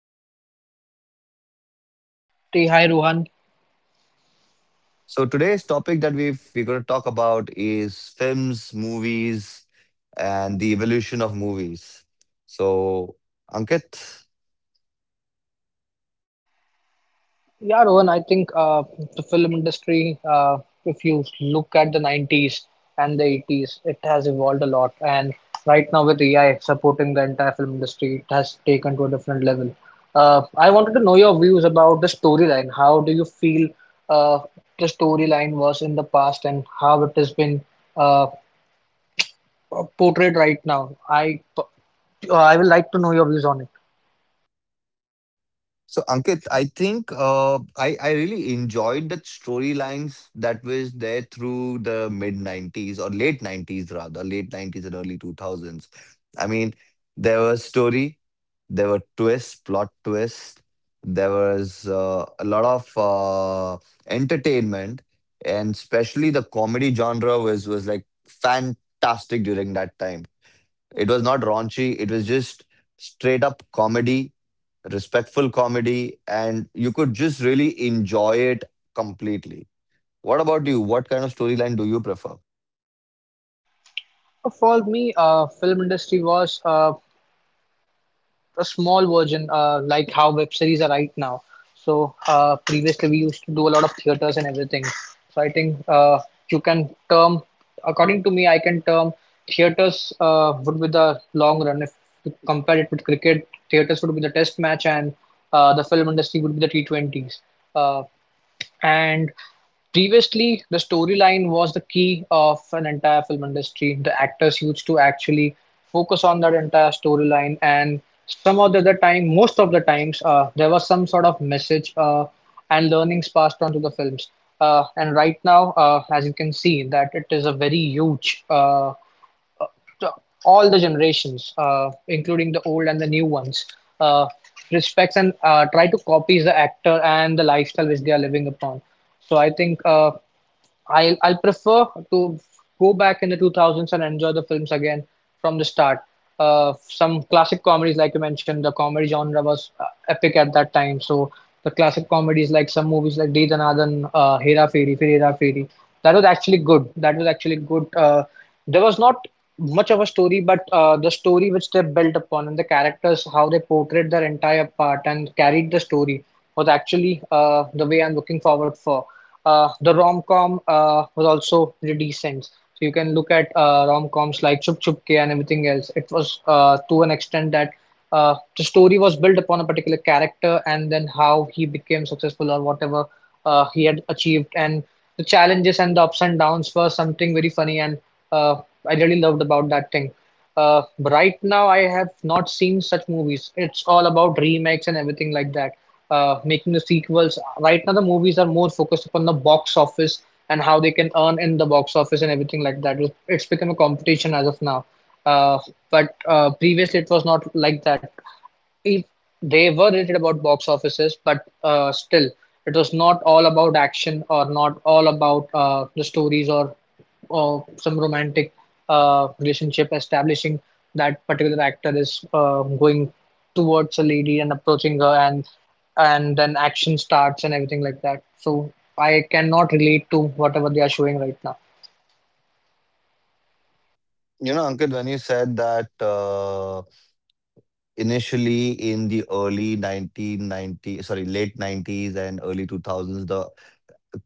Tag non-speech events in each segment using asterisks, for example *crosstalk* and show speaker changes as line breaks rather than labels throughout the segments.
Hi Ankit.
Hey, hi Rohan.
So today's topic that we're going to talk about is films, movies, and the evolution of movies. So Ankit,
Yeah, Rohan, I think the film industry, if you look at the 90s and the 80s, it has evolved a lot. And right now, with AI supporting the entire film industry, it has taken to a different level. I wanted to know your views about the storyline. How do you feel uh, the storyline was in the past and how it has been uh, portrayed right now? I would like to know your views on it.
So Ankit, I think I really enjoyed the storylines that was there through the mid '90s or late '90s rather, late '90s and early 2000s. I mean, there was story, there were twists, plot twists, there was a lot of entertainment, and especially the comedy genre was like fantastic during that time. It was not raunchy. It was just straight up comedy, respectful comedy, and you could just really enjoy it completely. What about you? What kind of storyline do you prefer?
For me, film industry was a small version, like how web series are right now. So previously we used to do a lot of theaters and everything. So I think you can term, according to me, I can term theaters would be the long run. If you compare it with cricket, theaters would be the test match and the film industry would be the T20s. Uh, and previously, the storyline was the key of an entire film industry. The actors used to actually focus on that entire storyline, and some of the other time, most of the times, there was some sort of message and learnings passed on to the films. And right now, as you can see, that it is a very huge the- all the generations, including the old and the new ones, uh, respects and try to copies the actor and the lifestyle which they are living upon. So I think I'll prefer to go back in the 2000s and enjoy the films again from the start. Some classic comedies, like you mentioned, the comedy genre was epic at that time. So the classic comedies, like some movies like De Danadan, Hera Fairy, Fir Hera Fairy, that was actually good. That was actually good. There was not much of a story, but the story which they built upon and the characters, how they portrayed their entire part and carried the story was actually the way I'm looking forward for. The rom com was also pretty decent. So you can look at rom coms like Chup Chup Ke and everything else. It was to an extent that the story was built upon a particular character and then how he became successful or whatever he had achieved. And the challenges and the ups and downs were something very funny and uh, I really loved about that thing. But right now, I have not seen such movies. It's all about remakes and everything like that, making the sequels. Right now, the movies are more focused upon the box office and how they can earn in the box office and everything like that. It's become a competition as of now. Uh, but previously, it was not like that if they were rated about box offices, but still, it was not all about action or not all about the stories or some romantic relationship establishing that particular actor is going towards a lady and approaching her and then action starts and everything like that. So I cannot relate to whatever they are showing right now.
You know, Ankit, when you said that initially in the early 1990, sorry, late '90s and early 2000s, the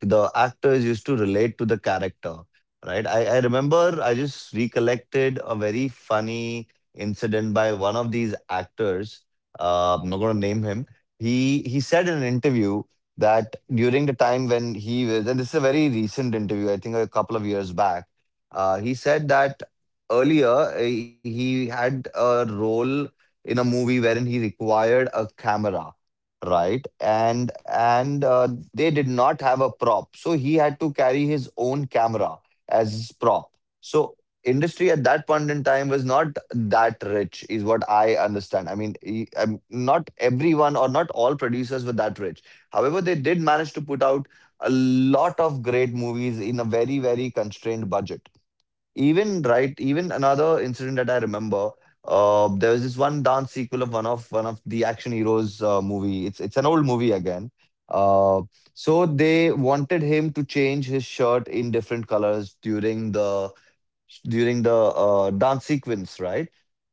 the actors used to relate to the character, right? I remember I just recollected a very funny incident by one of these actors. I'm not going to name him. He said in an interview that during the time when he was, and this is a very recent interview, I think a couple of years back, he said that earlier he had a role in a movie wherein he required a camera, right? And they did not have a prop, so he had to carry his own camera as his prop. So industry at that point in time was not that rich is what I understand. I mean, not everyone or not all producers were that rich. However, they did manage to put out a lot of great movies in a very very constrained budget even, right? Even another incident that I remember, there was this one dance sequel of one of the action heroes movie. It's an old movie again. Uh, so they wanted him to change his shirt in different colors during the dance sequence, right?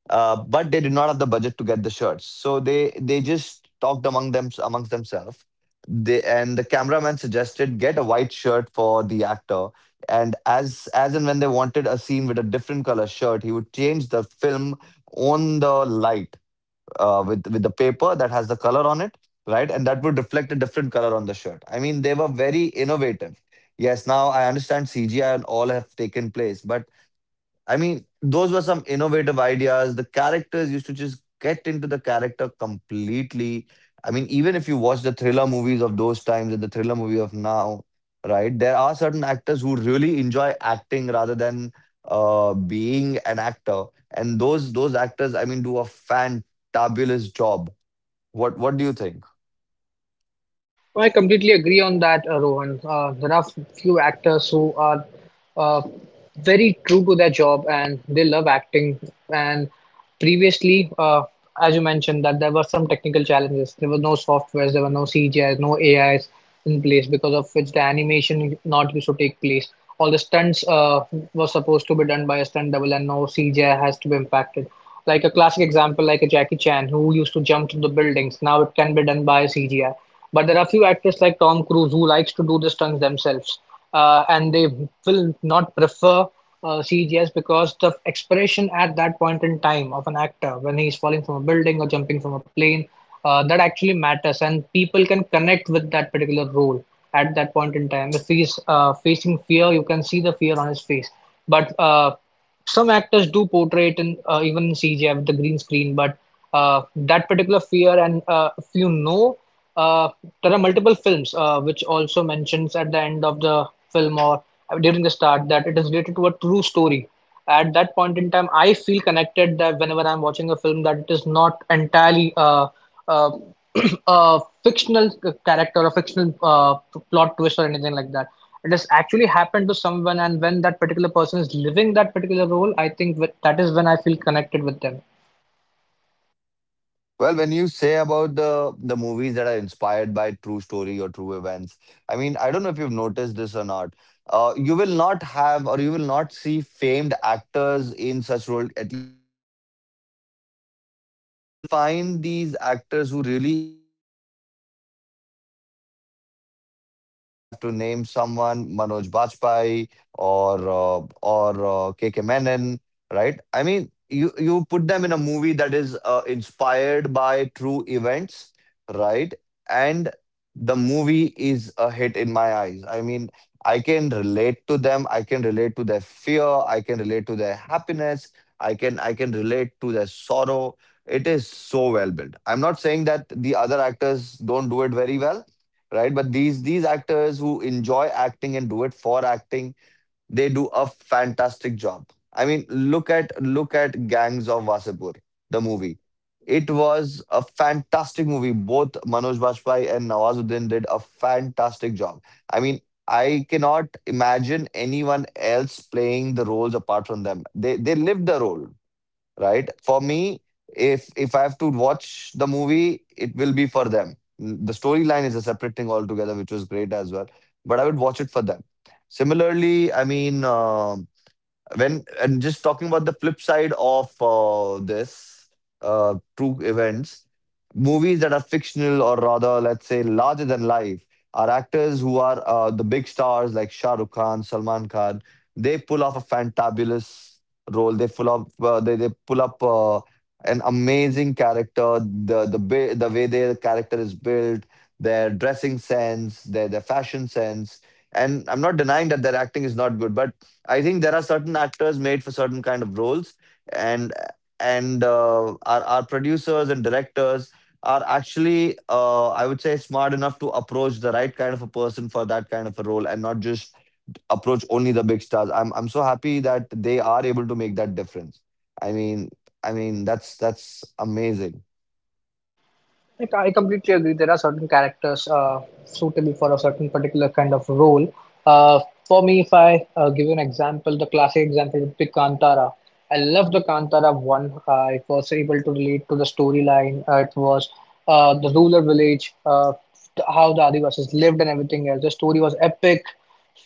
But they did not have the budget to get the shirts. So they just talked amongst themselves. They and the cameraman suggested get a white shirt for the actor. And as and when they wanted a scene with a different color shirt, he would change the film on the light with the paper that has the color on it, right? And that would reflect a different color on the shirt. I mean, they were very innovative. Yes, now I understand CGI and all have taken place, but I mean, those were some innovative ideas. The characters used to just get into the character completely. I mean, even if you watch the thriller movies of those times and the thriller movie of now, right? There are certain actors who really enjoy acting rather than being an actor, and those actors, I mean, do a fantabulous job. What do you think?
I completely agree on that, Rohan. There are few actors who are uh, very true to their job and they love acting. And previously, as you mentioned, that there were some technical challenges. There were no softwares, there were no CGIs, no AIs in place, because of which the animation not used to take place. All the stunts were supposed to be done by a stunt double, and no CGI has to be impacted. Like a classic example, like a Jackie Chan, who used to jump through the buildings. Now it can be done by CGI. But there are a few actors like Tom Cruise who likes to do the stunts themselves, and they will not prefer siege, yes, because the expression at that point in time of an actor when he's falling from a building or jumping from a plane, that actually matters, and people can connect with that particular role at that point in time. If he's facing fear, you can see the fear on his face. But some actors do portray it in even in CGI with the green screen, but that particular fear and if you know, uh, there are multiple films which also mentions at the end of the film or during the start that it is related to a true story. At that point in time, I feel connected that whenever I'm watching a film, that it is not entirely uh, *clears throat* a fictional character a fictional plot twist or anything like that. It has actually happened to someone, and when that particular person is living that particular role, I think that is when I feel connected with them.
Well, when you say about the movies that are inspired by true story or true events, I mean, I don't know if you've noticed this or not. You will not have or you will not see famed actors in such role, at least in the Bollywood movies. You will find these actors who really enjoy acting, right? I mean, if I have to name someone, Manoj Bajpayee or K K Menon, right? I mean, you put them in a movie that is inspired by true events, right? And the movie is a hit in my eyes. I mean, I can relate to them. I can relate to their fear. I can relate to their happiness. I can relate to their sorrow. It is so well built. I'm not saying that the other actors don't do it very well, right? But these actors who enjoy acting and do it for acting, they do a fantastic job. I mean, look at Gangs of Wasapur, the movie. It was a fantastic movie. Both Manoj Bajpayee and Nawazuddin did a fantastic job. I mean, I cannot imagine anyone else playing the roles apart from them. They lived the role, right? For me, if I have to watch the movie, it will be for them. The storyline is a separate thing altogether, which was great as well. But I would watch it for them. Similarly, I mean, when and just talking about the flip side of this true events, movies that are fictional or rather let's say larger than life, are actors who are the big stars like Shah Rukh Khan, Salman Khan. They pull off a fantabulous role. They pull up they pull up an amazing character, the the way their character is built, their dressing sense, their fashion sense. And I'm not denying that their acting is not good, but I think there are certain actors made for certain kind of roles, and our producers and directors are actually, I would say, smart enough to approach the right kind of a person for that kind of a role, and not just approach only the big stars. I'm so happy that they are able to make that difference. I mean, I mean that's amazing.
Like, I completely agree. There are certain characters suitable for a certain particular kind of role. Uh, for me, if I give you an example, the classic example would be Kantara. I love the Kantara one. I was able to relate to the storyline. It was the ruler village, how the Adivasis lived, and everything else. The story was epic.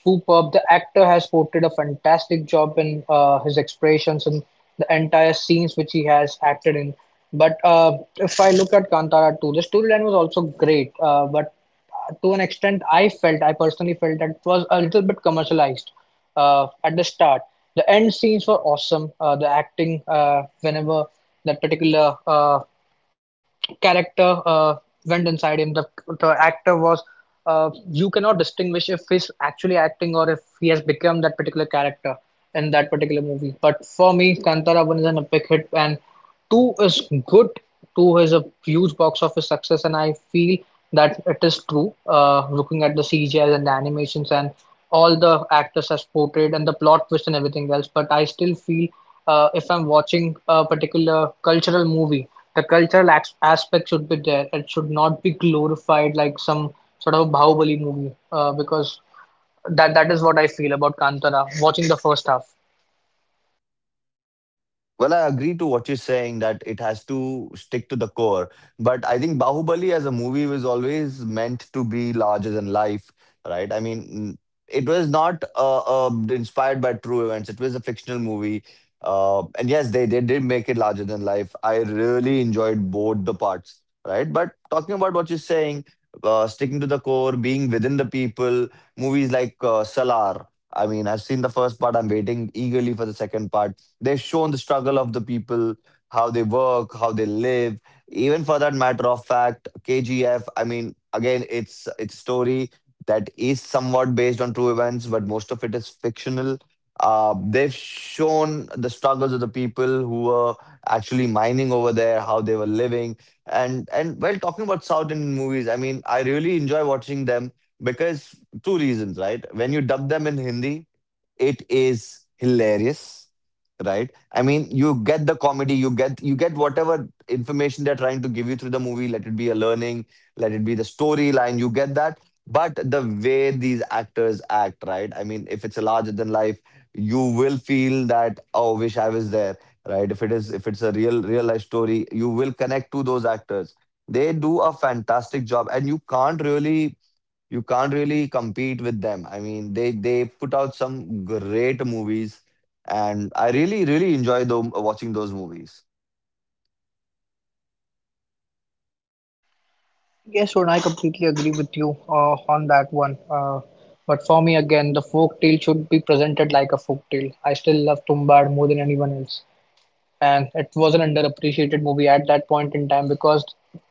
Superb. The actor has portrayed a fantastic job in his expressions and the entire scenes which he has acted in. But if I look at Kantara 2, the storyline was also great. But to an extent, I felt, I personally felt that it was a little bit commercialized at the start. The end scenes were awesome. The acting, whenever that particular character went inside him. The actor was. You cannot distinguish if he's actually acting or if he has become that particular character in that particular movie. But for me, Kantara one is an epic hit, and two is good. Two is a huge box office success, and I feel that it is true. Looking at the CGI and the animations and all the actors as portrayed and the plot twist and everything else. But I still feel if I'm watching a particular cultural movie, the aspect should be there. It should not be glorified like some sort of a Bahubali movie because that is what I feel about Kantara. Watching the first half.
Well, I agree to what you're saying that it has to stick to the core. But I think Bahubali as a movie was always meant to be larger than life, right? I mean, it was not inspired by true events, it was a fictional movie. And yes, they did make it larger than life. I really enjoyed both the parts, right? But talking about what you're saying, sticking to the core, being within the people, movies like Salar. I mean, I've seen the first part. I'm waiting eagerly for the second part. They've shown the struggle of the people, how they work, how they live. Even for that matter of fact, KGF, I mean, again, it's a story that is somewhat based on true events, but most of it is fictional. They've shown the struggles of the people who were actually mining over there, how they were living, and well, talking about South Indian movies, I mean, I really enjoy watching them because two reasons, right? When you dub them in Hindi, it is hilarious, right? I mean, you get the comedy, you get whatever information they're trying to give you through the movie, let it be a learning, let it be the storyline, you get that. But the way these actors act, right? I mean, if it's a larger than life, you will feel that, oh, wish I was there, right? If it is, if it's a real real life story, you will connect to those actors. They do a fantastic job and you can't really compete with them. I mean, they put out some great movies, and I really really enjoy them, watching those movies.
Yes, Rohan, I completely agree with you on that one. But for me, again, the folk tale should be presented like a folk tale. I still love Tumbad more than anyone else. And it was an underappreciated movie at that point in time because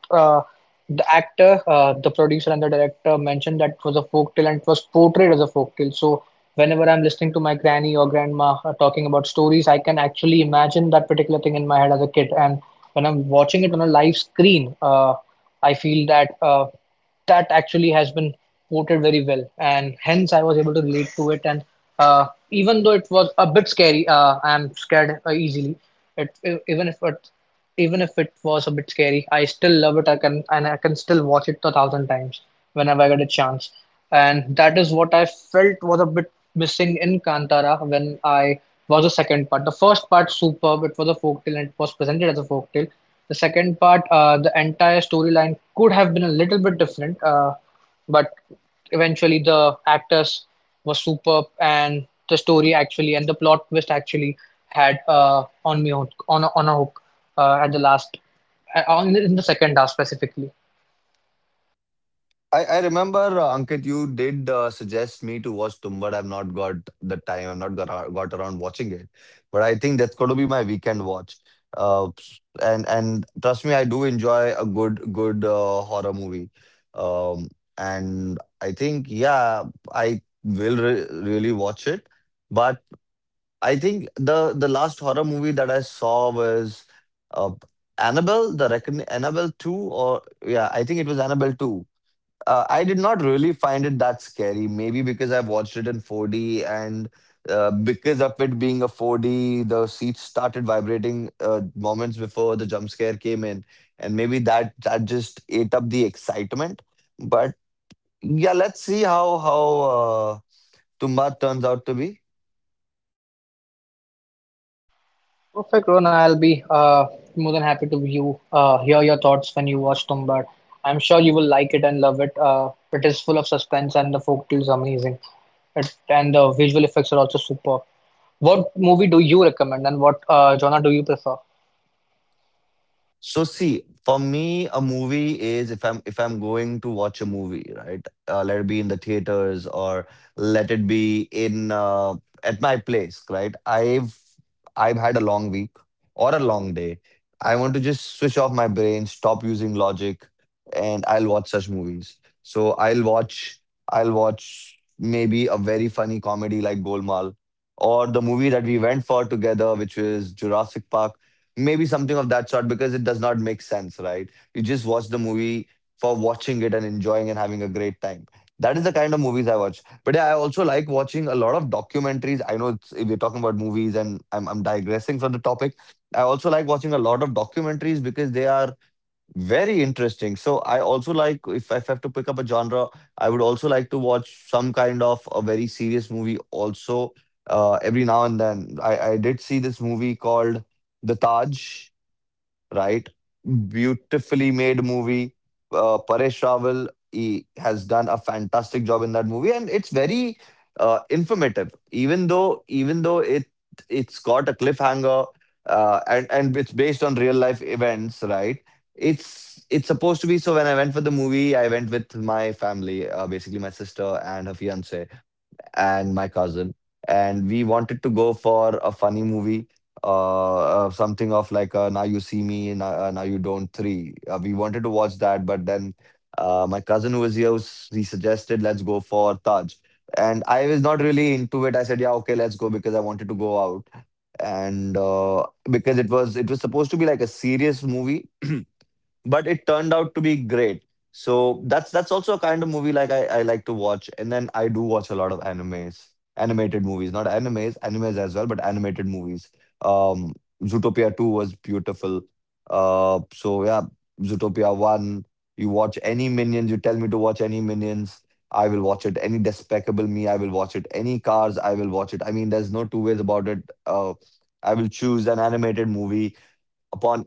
uh, the actor, the producer, and the director mentioned that it was a folk tale and it was portrayed as a folk tale. So whenever I'm listening to my granny or grandma talking about stories, I can actually imagine that particular thing in my head as a kid. And when I'm watching it on a live screen, I feel that. That actually has been quoted very well, and hence I was able to relate to it, and uh, even though it was a bit scary, I am scared easily. It, e- even if it Even if it was a bit scary, I still love it. I can still watch it 1,000 times whenever I get a chance, and that is what I felt was a bit missing in Kantara. When I was The second part, the first part, superb, it was a folktale and it was presented as a folktale. The second part, the entire storyline could have been a little bit different, but eventually the actors were superb, and the story actually and the plot twist actually had on a hook at the last on in the second half specifically.
I remember Ankit, you did suggest me to watch Tumbad. I've not got the time. I've not got got around watching it, but I think that's going to be my weekend watch. And trust me, I do enjoy a good horror movie. Um, and I think yeah, I will really watch it. But I think the last horror movie that I saw was uh, Annabelle, the Annabelle 2, or yeah, I think it was Annabelle 2. I did not really find it that scary, maybe because I watched it in 4D and because of it being a 4D, the seats started vibrating moments before the jump scare came in, and maybe that just ate up the excitement. But yeah, let's see how Tumba turns out to be.
Perfect, Ron. I'll be more than happy to view, hear your thoughts when you watch Tumbad. I'm sure you will like it and love it. It is full of suspense and the folk tale is amazing. It, and the visual effects are also superb. What movie do you recommend and what genre do you prefer?
So see, for me, a movie is if I'm going to watch a movie, right? Let it be in the theaters or let it be in at my place, right? I've had a long week or a long day. I want to just switch off my brain, stop using logic, and I'll watch such movies. So I'll watch maybe a very funny comedy like Golmaal or the movie that we went for together, which is Jurassic Park. Maybe something of that sort because it does not make sense, right? You just watch the movie for watching it and enjoying and having a great time. That is the kind of movies I watch. But yeah, I also like watching a lot of documentaries. I know it's, if we're talking about movies and I'm digressing from the topic. I also like watching a lot of documentaries because they are very interesting. So I also like if I have to pick up a genre, I would also like to watch some kind of a very serious movie also every now and then. I did see this movie called The Taj, right? Beautifully made movie. Paresh Rawal he has done a fantastic job in that movie, and it's very informative. Even though it's got a cliffhanger, and it's based on real life events, right? It's supposed to be so. When I went for the movie, I went with my family, basically my sister and her fiance and my cousin, and we wanted to go for a funny movie, something of like Now You See Me and Now You Don't 3. We wanted to watch that, but then my cousin who was here, he suggested let's go for Taj. And I was not really into it. I said, yeah, okay, let's go because I wanted to go out. And because it was supposed to be like a serious movie, but it turned out to be great. So that's also a kind of movie like I like to watch. And then I do watch a lot of animes, animated movies, not animes, animes as well, but animated movies. Um, Zootopia 2 was beautiful. So yeah, Zootopia 1, you watch any Minions, you tell me to watch any Minions, I will watch it. Any Despicable Me, I will watch it. Any Cars, I will watch it. I mean, there's no two ways about it. Uh, I will choose an animated movie upon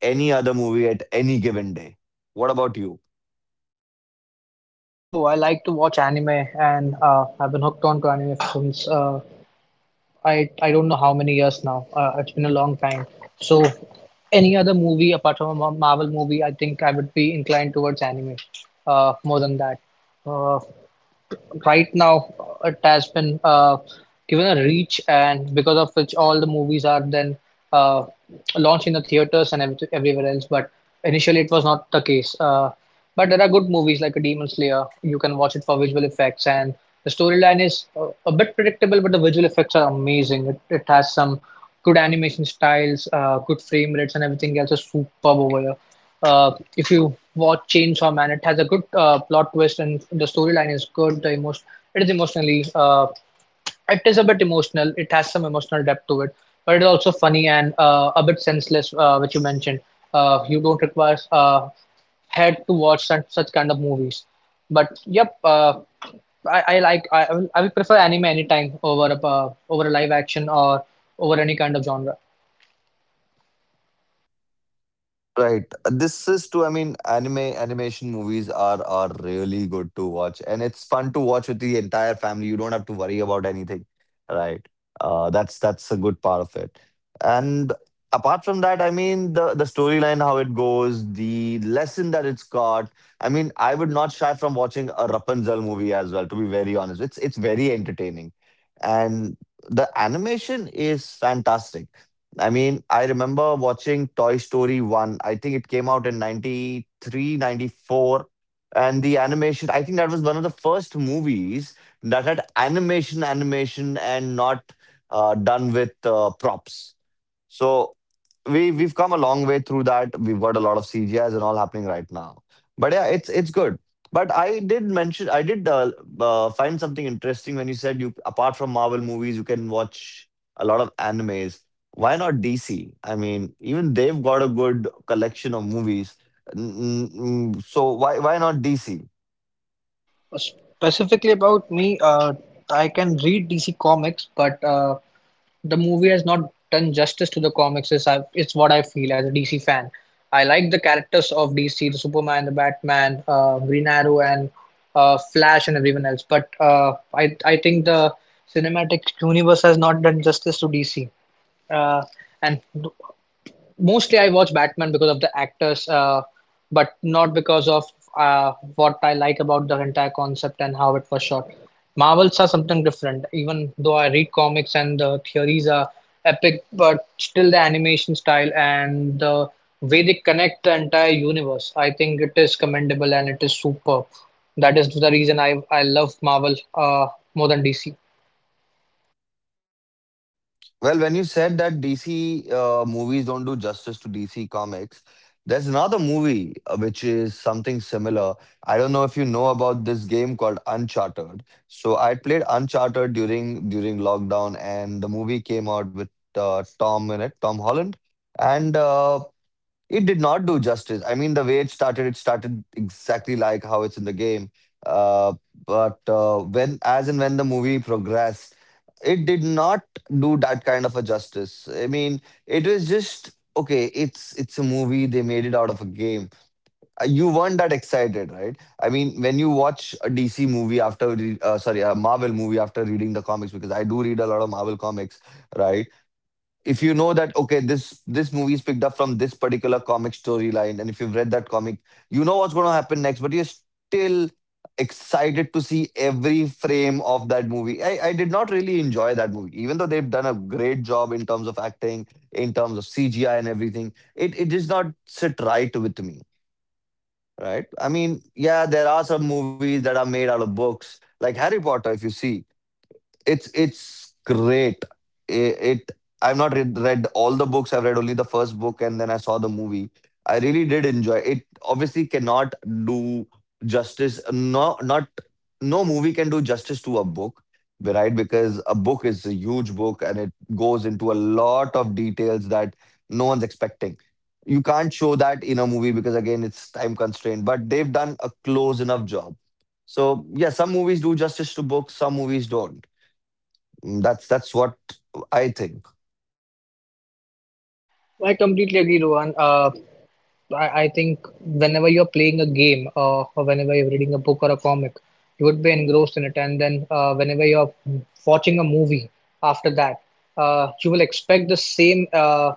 any other movie at any given day. What about you?
Oh, I like to watch anime, and I've been hooked on to anime since I don't know how many years now. It's been a long time. So any other movie apart from a Marvel movie, I think I would be inclined towards anime more than that. Uh, right now it has been given a reach, and because of which all the movies are then uh, launched in the theaters and everywhere else, but initially it was not the case, but there are good movies like a Demon Slayer. You can watch it for visual effects, and the storyline is a bit predictable, but the visual effects are amazing. It has some good animation styles, good frame rates, and everything else is superb over here. If you watch Chainsaw Man, it has a good plot twist, and the storyline is good. The emotion, it is emotionally, it is a bit emotional. It has some emotional depth to it, but it is also funny and a bit senseless, which you mentioned. You don't require head to watch such kind of movies. But yep, I like I will prefer anime anytime over a over a live action or over any kind of genre.
Right. This is too, I mean, anime animation movies are really good to watch. And it's fun to watch with the entire family. You don't have to worry about anything. Right. That's a good part of it. And apart from that, I mean the storyline, how it goes, the lesson that it's got. I mean, I would not shy from watching a Rapunzel movie as well, to be very honest. It's very entertaining. And the animation is fantastic. I mean, I remember watching Toy Story 1. I think it came out in 93, 94. And the animation, I think that was one of the first movies that had animation, animation, and not done with props. So we've come a long way through that. We've got a lot of CGIs and all happening right now. But yeah, it's good. But I did mention I did find something interesting when you said you apart from Marvel movies you can watch a lot of animes. Why not DC? I mean, even they've got a good collection of movies. So why not DC?
Specifically about me, I can read DC comics, but the movie has not done justice to the comics. It's what I feel as a DC fan. I like the characters of DC, the Superman, the Batman, Green Arrow, and Flash, and everyone else. But I think the cinematic universe has not done justice to DC. Uh, and mostly I watch Batman because of the actors, but not because of what I like about the entire concept and how it was shot. Marvels are something different. Even though I read comics and the theories are epic, but still the animation style and the way they connect the entire universe, I think it is commendable and it is superb. That is the reason I love Marvel more than DC.
Well, when you said that DC movies don't do justice to DC comics, there's another movie which is something similar. I don't know if you know about this game called Uncharted. So I played Uncharted during lockdown, and the movie came out with Tom in it, Tom Holland, and it did not do justice. I mean, the way it started exactly like how it's in the game. Uh, but when, as and when the movie progressed, it did not do that kind of a justice. I mean, it was just okay. It's a movie. They made it out of a game. You weren't that excited, right? I mean, when you watch a DC movie after, re- uh, sorry, a Marvel movie after reading the comics, because I do read a lot of Marvel comics, right? If you know that okay this movie is picked up from this particular comic storyline and if you've read that comic, you know what's going to happen next, but you're still excited to see every frame of that movie. I did not really enjoy that movie even though they've done a great job in terms of acting, in terms of CGI and everything. It does not sit right with me, right? I mean, yeah, there are some movies that are made out of books like Harry Potter. If you see, it's great. It I've not read all the books. I've read only the first book, and then I saw the movie. I really did enjoy it. Obviously, cannot do justice. No, not no movie can do justice to a book, right? Because a book is a huge book, and it goes into a lot of details that no one's expecting. You can't show that in a movie because again, it's time constrained. But they've done a close enough job. So yeah, some movies do justice to books, some movies don't. That's what I think.
I completely agree, Rohan. I think whenever you're playing a game or whenever you're reading a book or a comic, you would be engrossed in it. And then whenever you're watching a movie after that, you will expect the same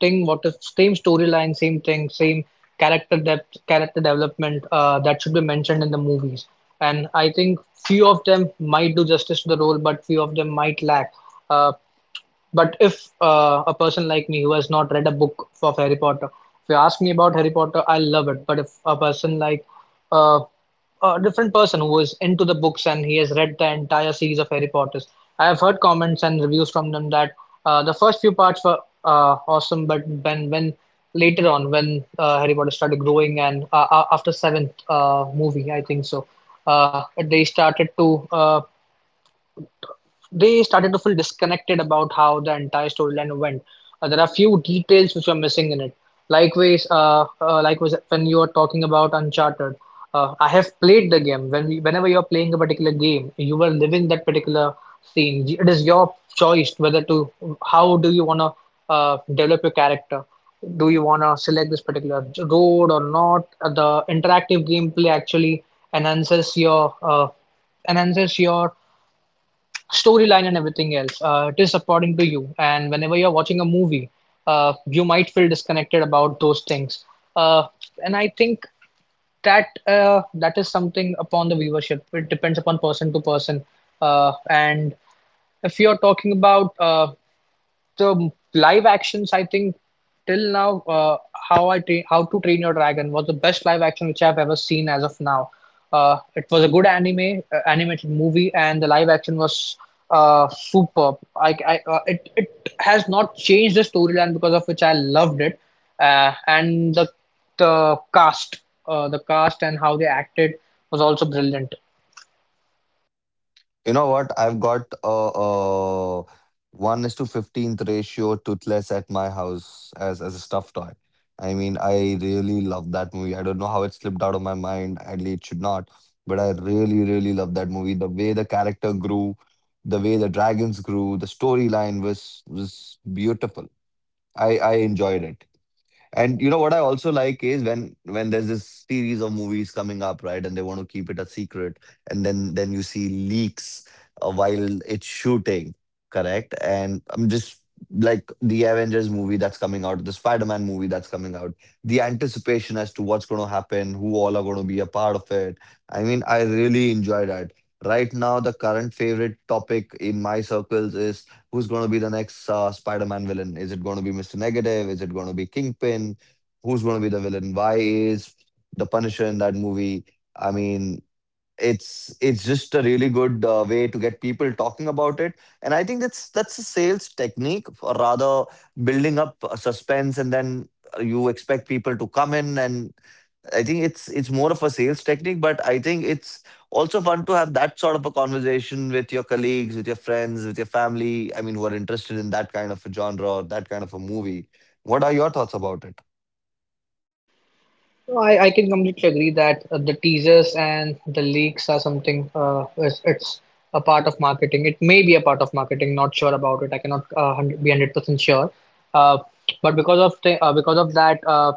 thing, what is same storyline, same thing, same character depth, character development that should be mentioned in the movies. And I think few of them might do justice to the role, but few of them might lack. Uh, but if a person like me who has not read a book of Harry Potter, if you ask me about Harry Potter, I love it. But if a person like uh, a different person who is into the books and he has read the entire series of Harry Potters, I have heard comments and reviews from them that the first few parts were awesome, but when later on when Harry Potter started growing and after seventh movie, I think so, uh, they started to uh, they started to feel disconnected about how the entire storyline went. There are few details which were missing in it. Likewise, likewise, when you are talking about Uncharted, I have played the game. Whenever you are playing a particular game, you are living that particular scene. It is your choice whether to how do you want to develop your character. Do you want to select this particular road or not? The interactive gameplay actually enhances your uh, enhances your storyline and everything else. It is according to you. And whenever you're watching a movie, you might feel disconnected about those things. Uh, and I think that is something upon the viewership. It depends upon person to person. And if you're talking about the live actions, I think till now, how to train your dragon was the best live action which I've ever seen as of now. It was a good anime animated movie, and the live action was superb. It has not changed the storyline, because of which I loved it. And The cast, the cast and how they acted was also brilliant.
You know what? I've got a One is to 15th ratio toothless at my house as a stuffed toy. I mean, I really love that movie. I don't know how it slipped out of my mind. Ideally, it should not, but I really really love that movie. The way the character grew, the way the dragons grew, the storyline was beautiful. I enjoyed it. And you know what I also like is when there's this series of movies coming up, right? And they want to keep it a secret, and then you see leaks while it's shooting, correct? And I'm just like the Avengers movie that's coming out, the Spider-Man movie that's coming out, the anticipation as to what's going to happen, who all are going to be a part of it. I mean, I really enjoy that. Right now, the current favorite topic in my circles is who's going to be the next Spider-Man villain? Is it going to be Mr. Negative? Is it going to be Kingpin? Who's going to be the villain? Why is the Punisher in that movie? I mean, it's just a really good way to get people talking about it. And I think that's a sales technique or rather building up a suspense, and then you expect people to come in. And I think it's more of a sales technique, but I think it's also fun to have that sort of a conversation with your colleagues, with your friends, with your family, I mean, who are interested in that kind of a genre or that kind of a movie. What are your thoughts about it?
No, I can completely agree that the teasers and the leaks are something, it's a part of marketing. It may be a part of marketing, not sure about it. I cannot be 100% sure. Uh, but because of because of that,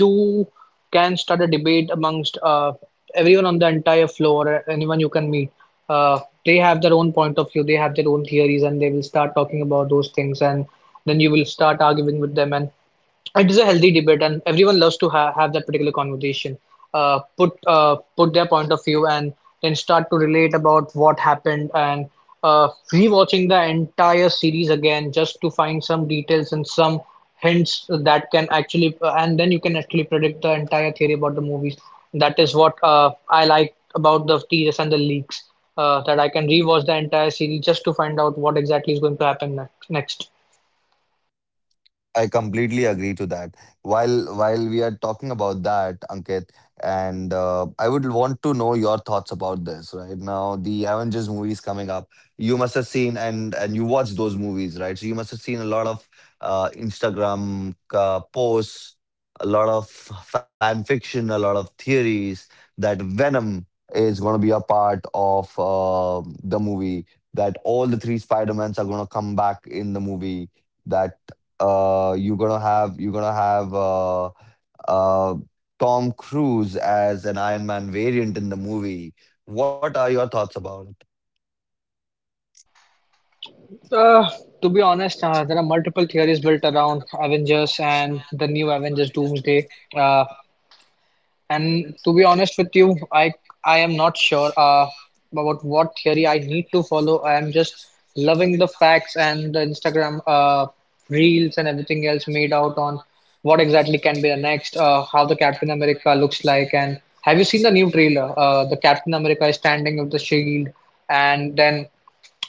you can start a debate amongst everyone on the entire floor, anyone you can meet. Uh, they have their own point of view, they have their own theories, and they will start talking about those things. And then you will start arguing with them. And it is a healthy debate, and everyone loves to have that particular conversation, put their point of view, and then start to relate about what happened, and rewatching the entire series again just to find some details and some hints that can actually and then you can actually predict the entire theory about the movies. That is what I like about the teasers and the leaks, that I can rewatch the entire series just to find out what exactly is going to happen next.
I completely agree to that. While we are talking about that, Ankit, and I would want to know your thoughts about this. Right now, the Avengers movies coming up. You must have seen and you watched those movies, right? So you must have seen a lot of Instagram posts, a lot of fan fiction, a lot of theories that Venom is going to be a part of the movie. That all the three Spider Mans are going to come back in the movie. That you're gonna have uh Tom Cruise as an Iron Man variant in the movie. What are your thoughts about it?
Uh, to be honest, there are multiple theories built around Avengers and the new Avengers Doomsday. Uh, and to be honest with you, I am not sure about what theory I need to follow. I am just loving the facts and the Instagram reels and everything else made out on what exactly can be the next, how the Captain America looks like. And have you seen the new trailer? The Captain America is standing with the shield, and then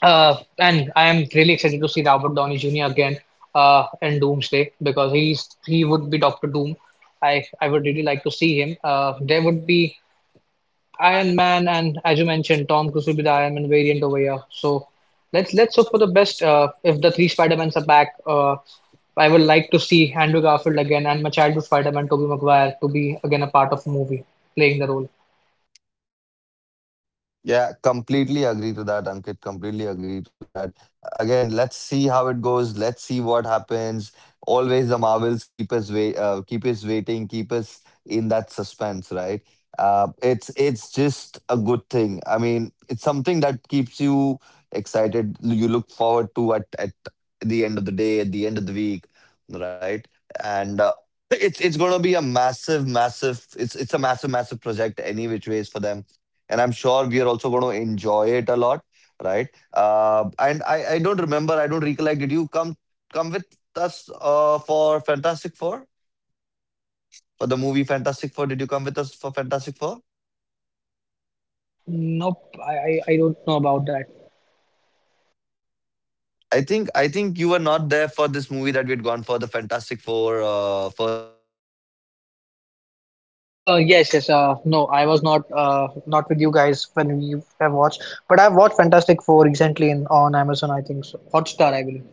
and I am really excited to see Robert Downey Jr. again in Doomsday, because he would be Doctor Doom. I would really like to see him. There would be Iron Man, and as you mentioned, Tom Cruise will be the Iron Man variant over here. So let's hope for the best. If the three Spider Mans are back, I would like to see Andrew Garfield again and my childhood Spider Man, Tobey Maguire, to be again a part of a movie playing the role.
Yeah, completely agree to that, Ankit. Completely agree to that. Again, let's see how it goes. Let's see what happens. Always the Marvels keep us keep us waiting, keep us in that suspense, right? It's just a good thing. I mean, it's something that keeps you excited. You look forward to at the end of the day, at the end of the week, right? And it's gonna be a massive, massive. It's a massive, massive project any which ways for them, and I'm sure we are also going to enjoy it a lot, right? And I don't remember, I don't recollect. Did you come with us for Fantastic Four, for the movie Fantastic Four? Did you come with us for Fantastic Four?
Nope, I don't know about that. Yes, yes. No, I was not not with you guys when we have watched, but I've watched Fantastic Four recently in on Amazon, I think so. Hotstar, I believe.